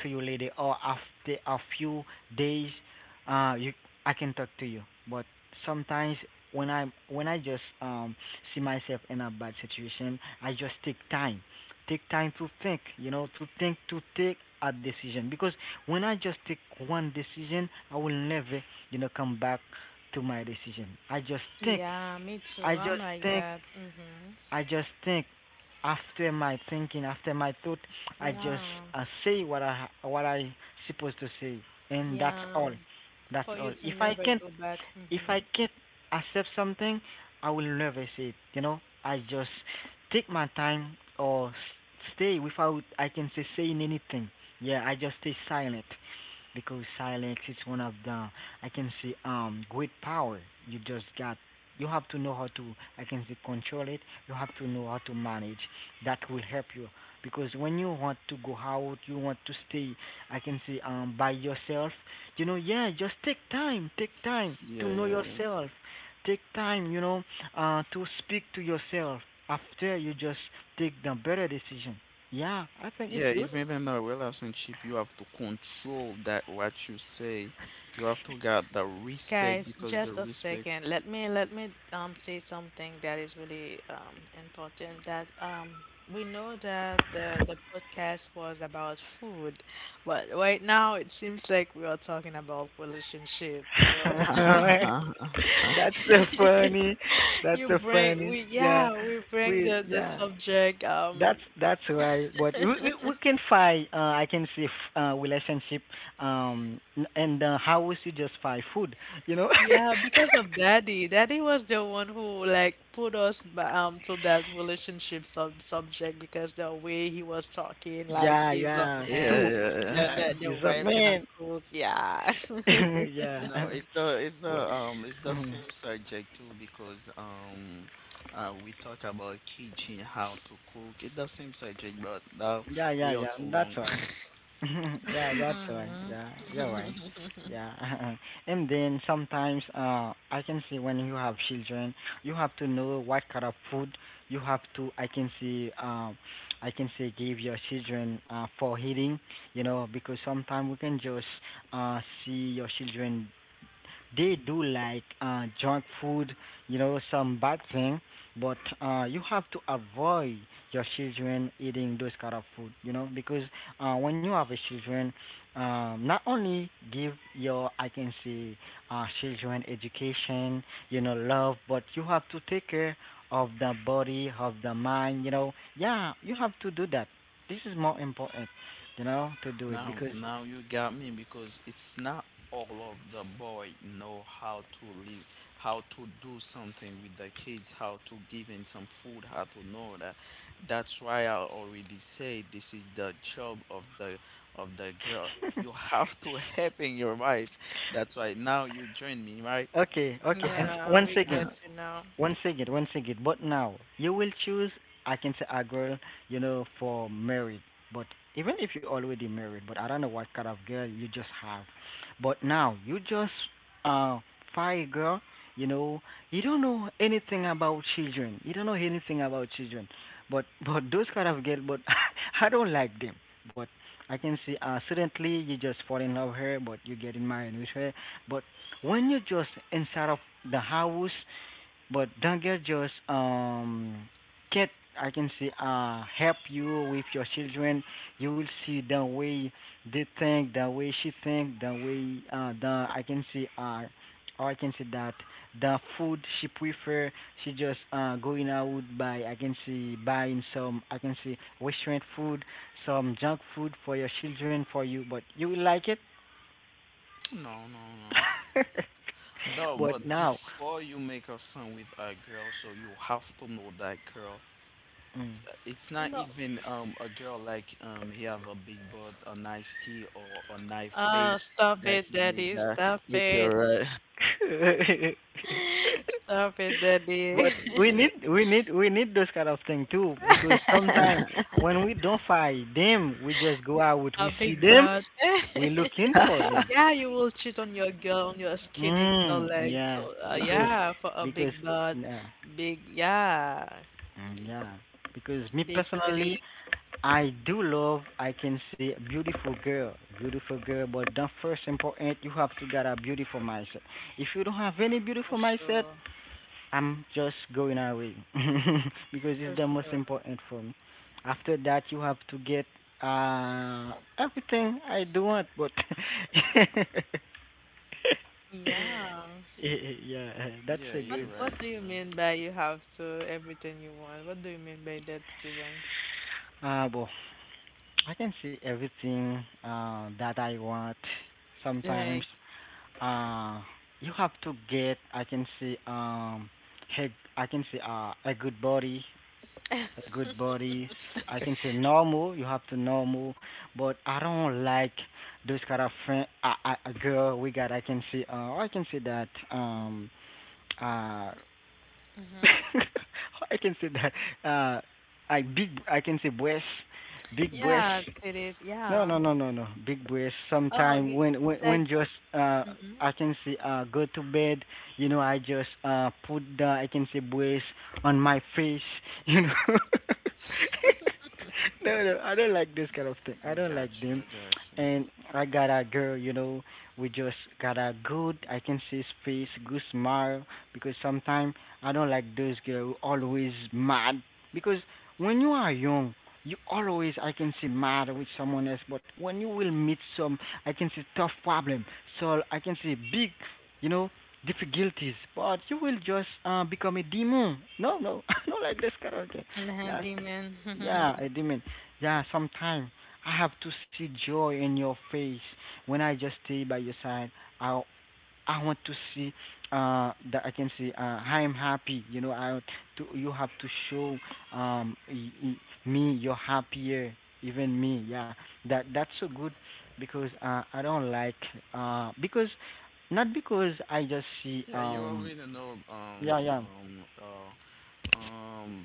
to you later or after a few days, you, I can talk to you. But sometimes when I just see myself in a bad situation, I just take time, take time to think, you know, to think, to take a decision. Because when I just take one decision, I will never, you know, come back to my decision. I just think,
Yeah, me too.
I
I'm
just
like
think,
that. Mm-hmm.
I just think. After my thinking, after my thought, I just
Yeah.
say what I supposed to say, and that's
Yeah.
all. That's
For
all.
you to
If I
never
can't
go back.
if I
Mm-hmm.
can't accept something, I will never say it. You know, I just take my time or stay without I can say saying anything. Yeah, I just stay silent because silence is one of the I can say great power. You just got You have to know how to I can say control it. You have to know how to manage. That will help you because when you want to go out, you want to stay I can say by yourself, you know. Yeah, just take time, take time
yeah,
to know
yeah, yeah, yeah.
yourself, take time, you know, to speak to yourself. After, you just take the better decision. Yeah, I think it's
Yeah,
good.
even in a relationship, you have to control that what you say. You have to get the respect
Guys,
because the
just a
respect.
second. Let me say something that is really important that we know that the podcast was about food, but right now it seems like we are talking about relationship.
Alright.
Yeah,
That's so funny. That's
You
so
bring
funny.
we
Yeah,
yeah, we bring
we
the
yeah.
subject
That's
um
that's why. But we can find I can say relationship and how we should just find food. You know.
Yeah, because of Daddy. Daddy was the one who like put us to that relationship subject because the way he was talking, like
Yeah,
he's a
yeah.
man,
Two.
yeah.
the
Yeah,
the
he's a
wife gonna
man.
cook, yeah.
yeah.
No, it's the it's
What?
the it's the
Mhm.
same subject too because we talk about kitchen how to cook. It's the same subject, but now
Yeah, yeah,
we are
yeah.
too
That's
long.
why. yeah, that's why.
Mhm.
Yeah, you're right. Yeah. And then sometimes I can see when you have children, you have to know what kind of food you have to I can see I can say give your children for eating, you know, because sometimes we can just uh see your children, they do like junk food, you know, some bad thing. But you have to avoid your children eating those kind of food, you know, because when you have a children, not only give your, I can say, children education, you know, love, but you have to take care of the body, of the mind, you know. Yeah, you have to do that. This is more important, you know, to do it
Now,
because.
now you got me because it's not all of the boy know how to live, how to do something with the kids, how to give in some food, how to know that. That's why I already say this is the job of the girl. You have to help in your wife. That's why now you join me, right?
Okay, okay, and
Yeah,
once
we
again,
got you now.
once again, once again, but now you will choose. I can say a girl, you know, for married. But even if you're already married, but I don't know what kind of girl you just have. But now you just uh find a girl, you know, you don't know anything about children. You don't know anything about children. But but those kind of girl, but I don't like them. But I can see suddenly you just fall in love with her, but you get in married with her. But when you just inside of the house, but don't just get I can say help you with your children. You will see the way they think, the way she think, the way the I can say or I can say that the food she prefer, she just going out by I can see buying some I can say restaurant food, some junk food for your children, for you, but you will like it.
No, no, no. No,
But
but
now,
before you make a son with a girl, so you have to know that girl. It's not
No,
even a girl like he have a big butt, a nice teeth, or a nice face
stop
that
it,
you need
Daddy,
that
stop
with
it,
your
mm.
stop it, Daddy.
But we need those kind of thing too, because sometimes when we don't find them, we just go out.
A
We see
big
them,
boss.
we looking for
uh,
them.
Yeah, you will cheat on your girl, on your skinny girl
Mm,
leg. So,
yeah, because
yeah, for a
because,
big butt,
yeah,
big, yeah,
mm,
it's
yeah. Because me
big
personally,
titties
I do love. I can see a beautiful girl, beautiful girl. But the first important, you have to get a beautiful mindset. If you don't have any
for
beautiful mindset,
sure,
I'm just going away because
for
it's the most
sure.
important for me. After that, you have to get uh everything I do want, but
Yeah.
yeah, that's
yeah.
a
What
You're
good.
right.
what do
You're
you
right.
mean by you have to everything you want? What do you mean by that, Steven?
Well, I can see everything that I want. Sometimes,
Like,
uh, you have to get. I can see hey, I can see a good body. Good body, I can say normal. You have to normal, but I don't like those kind of friend. A girl we got. I can say. I can say that. I
mm-hmm.
can say that. Uh, I big. I can say breast, big breast.
Yeah, titties,
No,
yeah.
no, no, no, no. Big breath.
Oh, you,
Sometimes
you,
when when
you like,
when just I can say go to bed, you know, I just put the I can say breath on my face, you know. No, no, I don't like this kind of thing. I
I
don't like
got you. I
them.
got you.
And I got a girl, you know, we just got a good I can say space, good smile, because sometimes I don't like those girls who always mad, because when you are young, you always I can see mad with someone else. But when you will meet some, I can see tough problem, so I can see big, you know, difficulties. But you will just become a demon. No, no, not like this karaoke.
mm-hmm.
Yeah,
Demon.
yeah, a demon. Yeah, sometime I have to see joy in your face when I just stay by your side. I I want to see that I can see I am happy. You know, I to you have to show um y- y- me you're happier, even me. Yeah, that that's so good, because I don't like because not because I just see
Yeah, you already know
yeah, yeah.
um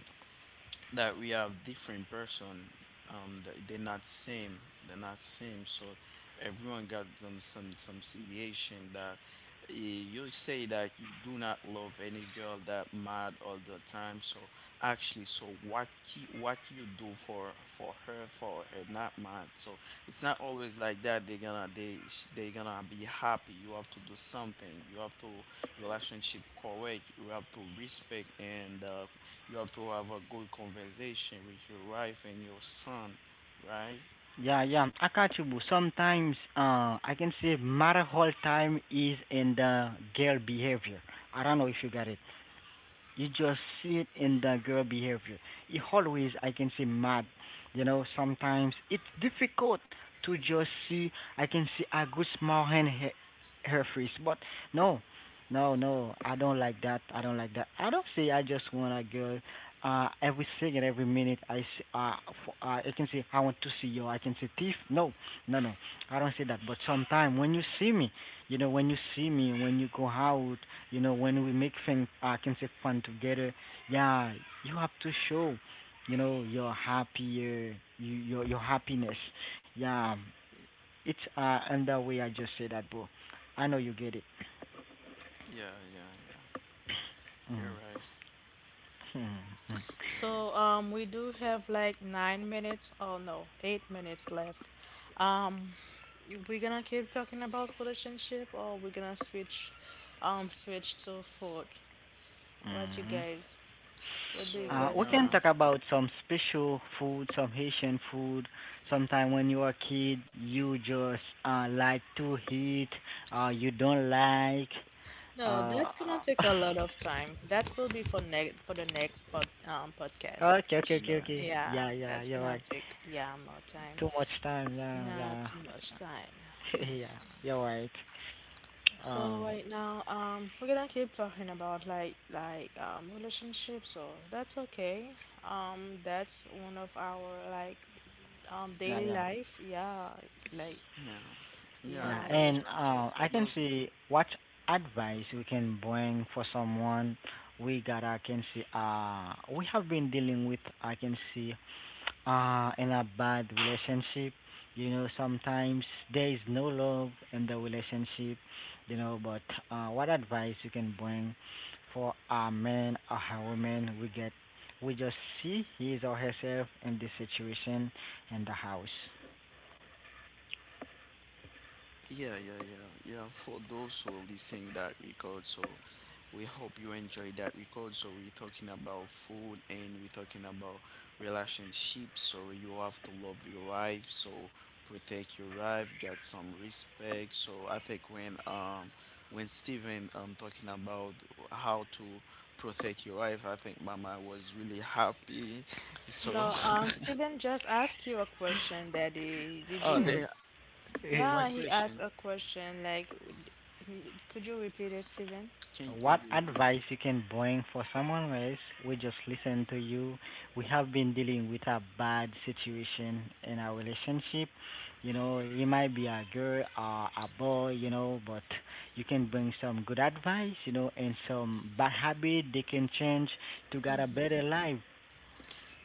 that we have different person. They're not same. They're not same. So everyone got some situation that. Eh, you say that you do not love any girl that mad all the time, so actually so what he, what you do for her not mad, so it's not always like that they're gonna they they gonna be happy. You have to do something. You have to relationship correct. You have to respect, and you have to have a good conversation with your wife and your son, right?
Yeah, yeah, I catch you, boo. Sometimes, I can say matter whole time is in the girl behavior. I don't know if you got it. You just see it in the girl behavior. It always, I can say, mad. You know, sometimes it's difficult to just see. I can see a good smile in her, her face, but no, no, no. I don't like that. I don't like that. I don't say I just want a girl. Every second, every minute, for, I can say I want to see you. I can say thief. No, no, no. I don't say that. But sometimes when you see me, you know, when you see me, when you go out, you know, when we make things, I can say fun together. Yeah, you have to show, you know, your happier, your happiness. Yeah, it's and that way I just say that, bro. I know you get it.
Yeah, yeah, yeah, you're
Mm-hmm.
right, you're
So
right.
um, we do have like 9 minutes, oh no, 8 minutes left. Um, we're gonna keep talking about relationship, or we're gonna switch, switch to food. What you
Mm-hmm.
guys? What do
So
you
we're
We
guys
can
want?
gonna
talk about some special food, some Haitian food. Sometime when you are a kid, you just like to eat, you don't like.
No,
Uh,
that's gonna take a lot of time. That will be for the next podcast
okay,
for
okay, okay,
sure.
okay.
yeah.
Yeah,
Yeah, yeah,
that's
you're
gonna
right.
take, yeah, more time.
Too much time, yeah,
Yeah,
yeah,
too much time. Mm.
yeah. You're right.
So
Um,
right now, we're gonna keep talking about relationships, so that's okay. That's one of our like
yeah,
daily
yeah.
life. Yeah, like
Yeah, yeah,
Yeah,
yeah,
that's
and
perfect
relationship.
for
I can
those.
see what advice we can bring for someone. We got, I can see, we have been dealing with, I can see, in a bad relationship. You know, sometimes there is no love in the relationship. You know, but what advice you can bring for a man or a woman? We get, we just see his or herself in this situation in the house.
Yeah, yeah, yeah, yeah. For those who are listening that record, so we hope you enjoy that record. So we're talking about food and we're talking about relationships. So you have to love your wife. So protect your wife. Get some respect. So I think when Steven talking about how to protect your wife, I think Mama was really happy. So
No, Steven just asked you a question, Daddy. Did
oh,
you?
they what
Yeah, he asked
question?
a question. Like, could you repeat it, Steven?
Can you could
What
you repeat?
advice you can bring for someone else? We just listen to you. We have been dealing with a bad situation in our relationship. You know, it might be a girl or a boy. You know, but you can bring some good advice. You know, and some bad habit they can change to get a better life.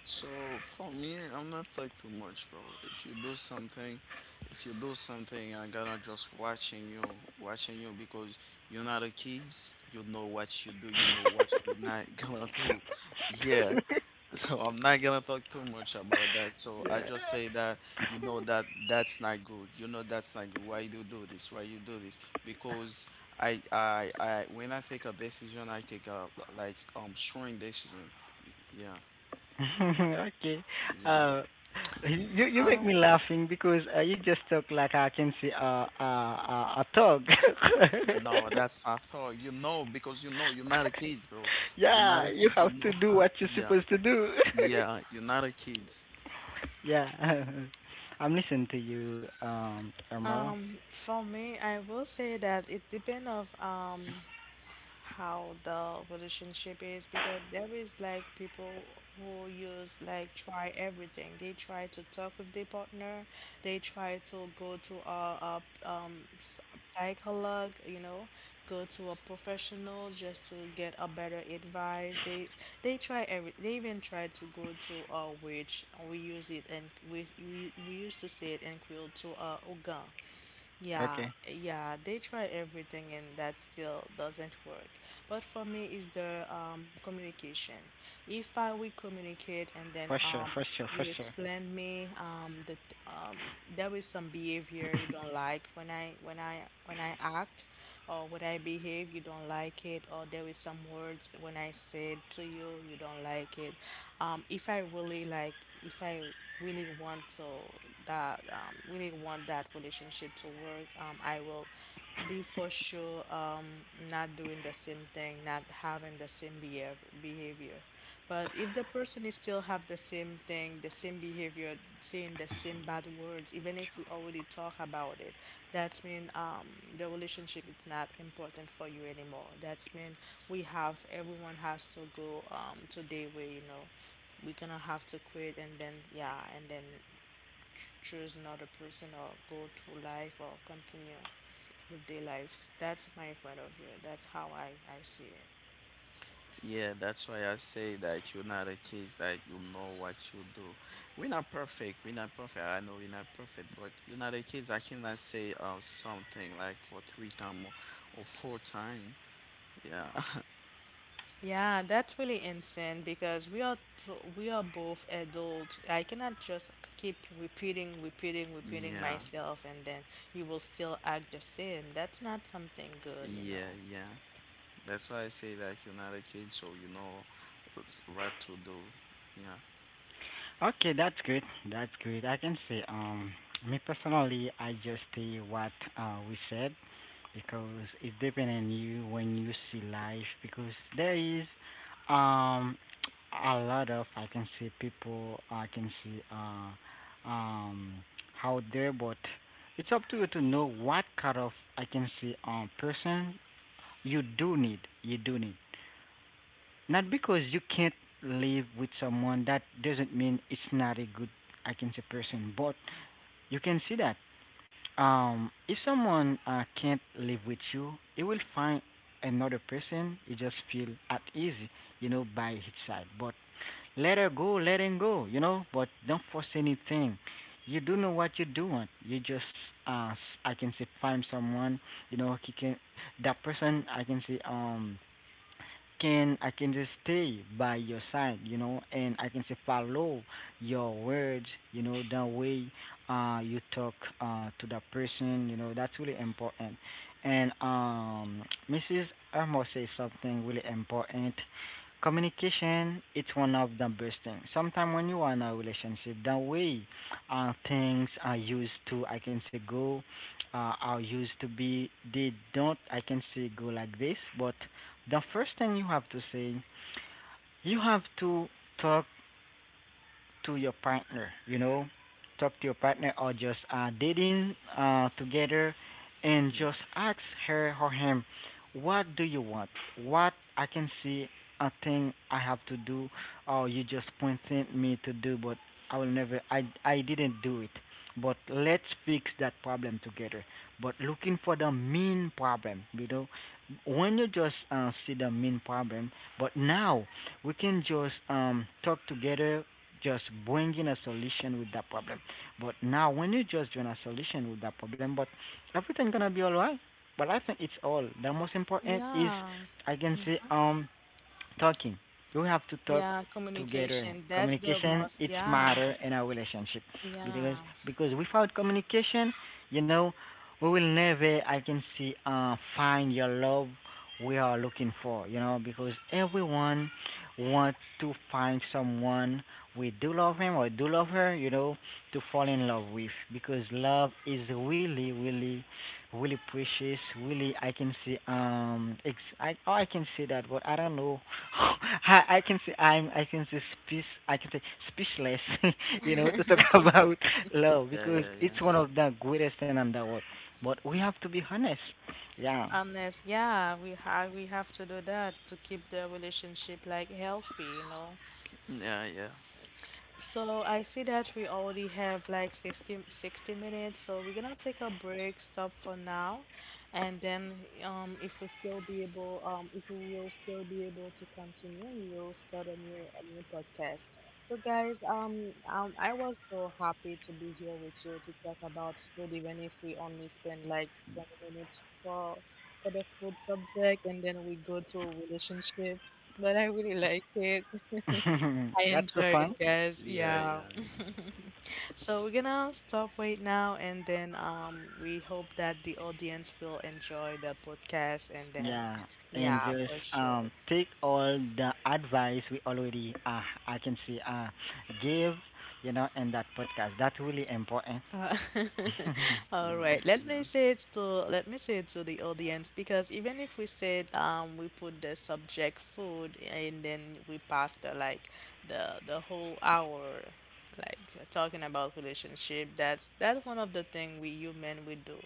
So for me, I'm not like too much, bro. If you do something, I gotta just watching you because you're not a kids. You know what you do. You know what you're not gonna do. Yeah. So I'm not gonna talk too much about that. So I just
Yeah.
say that you know that that's not good. You know that's not good. Why you do this? Why you do this? Because I when I take a decision, I take a like strong decision. Yeah.
okay.
Yeah.
Uh, you you make
Um,
me laughing because you just talk like I can see a dog.
No, that's I thought. You know, because you know you're not a kid, bro. You're not
Yeah,
a
you
kid. You
have
know
to do
how.
what you're
Yeah.
supposed to do.
Yeah. You're not a kid.
yeah, I'm listening to you, Amara.
for me, I will say that it depends of how the relationship is because there is like people who use like try everything. They try to talk with their partner. They try to go to a psychologue, go to a professional just to get a better advice. They try every. They even try to go to a witch. We use it and we used to say it in Creole to a Ogun. Yeah,
Okay,
yeah. They try everything and that still doesn't work. But for me, is the communication. If I we communicate and then
for sure, for sure, for
you
sure.
explain me that there is some behavior you don't like when I when I when I act or when I behave you don't like it or there is some words when I said to you don't like it. Um, if I really like if I really want that relationship to work, I will be for sure not doing the same thing, not having the same behavior. But if the person is still have the same thing, the same behavior, saying the same bad words, even if we already talk about it, that means the relationship is not important for you anymore. That mean we have everyone has to go to their way. We're gonna have to quit and then, yeah, and then choose another person or go through life or continue with their lives. That's my point of view. That's how I see it.
Yeah. That's why I say that you're not a kid. That you know what you do. We're not perfect. We're not perfect. I know we're not perfect, but you're not a kid. I cannot say something like for three time, or four time. Yeah.
Yeah, that's really insane because we are both adults. I cannot just keep repeating, repeating, repeating
Yeah,
myself, and then you will still act the same. That's not something good, you
yeah,
know.
yeah. That's why I say that you're not a kid, so you know what's- what to do. Yeah,
Okay, that's good. That's good. I can say, me personally, I just say what we said. Because it depends on you when you see life, because there is um a lot of I can see people I can see um out there, but it's up to you to know what kind of I can see person you do need, you do need. Not because you can't live with someone that doesn't mean it's not a good I can say person, but you can see that if someone can't live with you, he will find another person. He just feel at ease, you know, by his side. But let her go, let him go, you know. But don't force anything. You do know what you're doing. You just, uh, s- I can say, find someone, you know, he can. That person, I can say, can I can just stay by your side, you know, and I can say follow your words, you know, the way you talk to the person, you know, that's really important. And Mrs. Armour says something really important. Communication it's one of the best things. Sometimes when you are in a relationship, the way things are used to I can say go are used to be, they don't I can say go like this. But the first thing you have to say, you have to talk to your partner, you know, talk to your partner or just dating together, and just ask her or him, what do you want? What I can see a thing I have to do or you just pointed me to do but I will never I didn't do it. But let's fix that problem together. But looking for the main problem, you know, when you just see the main problem, but now we can just talk together, just bringing a solution with that problem. But now, when you just join a solution with that problem, but everything gonna be alright. But I think it's all. The most important is,
Yeah,
I can say, talking. You have to talk
yeah,
together.
communication. That's the
Communication
most.
it's
Yeah,
matter in our relationship, because
yeah.
because without communication, you know, we will never I can see find your love we are looking for. You know, because everyone wants to find someone we do love him or do love her. You know, to fall in love with, because love is really really really precious. Really, I can see I oh, I can see that, but I don't know. I can see I can see speech I can say speechless. You know, to talk about love
yeah,
because
yeah, yeah.
it's one of the greatest thing in the world. But we have to be honest. Yeah,
Honest, yeah, we have to do that to keep the relationship like healthy.
Yeah, yeah.
So I see that we already have like 60 60 minutes, so we're gonna take a break, stop for now, and then if we still be able, if we will still be able to continue, we will start a new podcast. So guys, I was so happy to be here with you to talk about food, even if we only spend like 20 minutes for the food subject, and then we go to relationship. But I really like it. I
that's so
enjoyed it,
fun.
guys.
Yeah,
Yeah.
yeah.
So we're gonna stop right now, and then we hope that the audience will enjoy the podcast, and then
Yeah, and
yeah,
just
for sure.
take all the advice we already I can see give you know in that podcast. That's really important.
Uh,
Yeah,
all right.
yeah.
Let me say it to let me say it to the audience because even if we said we put the subject food and then we pass the like the whole hour like talking about relationship, that's one of the thing we human we do.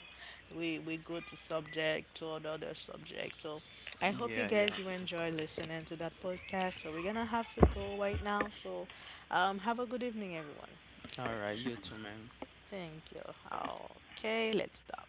We go to subject to another subject. So I
Yeah.
hope you
Yeah.
guys you enjoy listening to that podcast. So we're gonna have to go right now. So have a good evening everyone.
All right, you too, man.
Thank you. Okay, let's stop.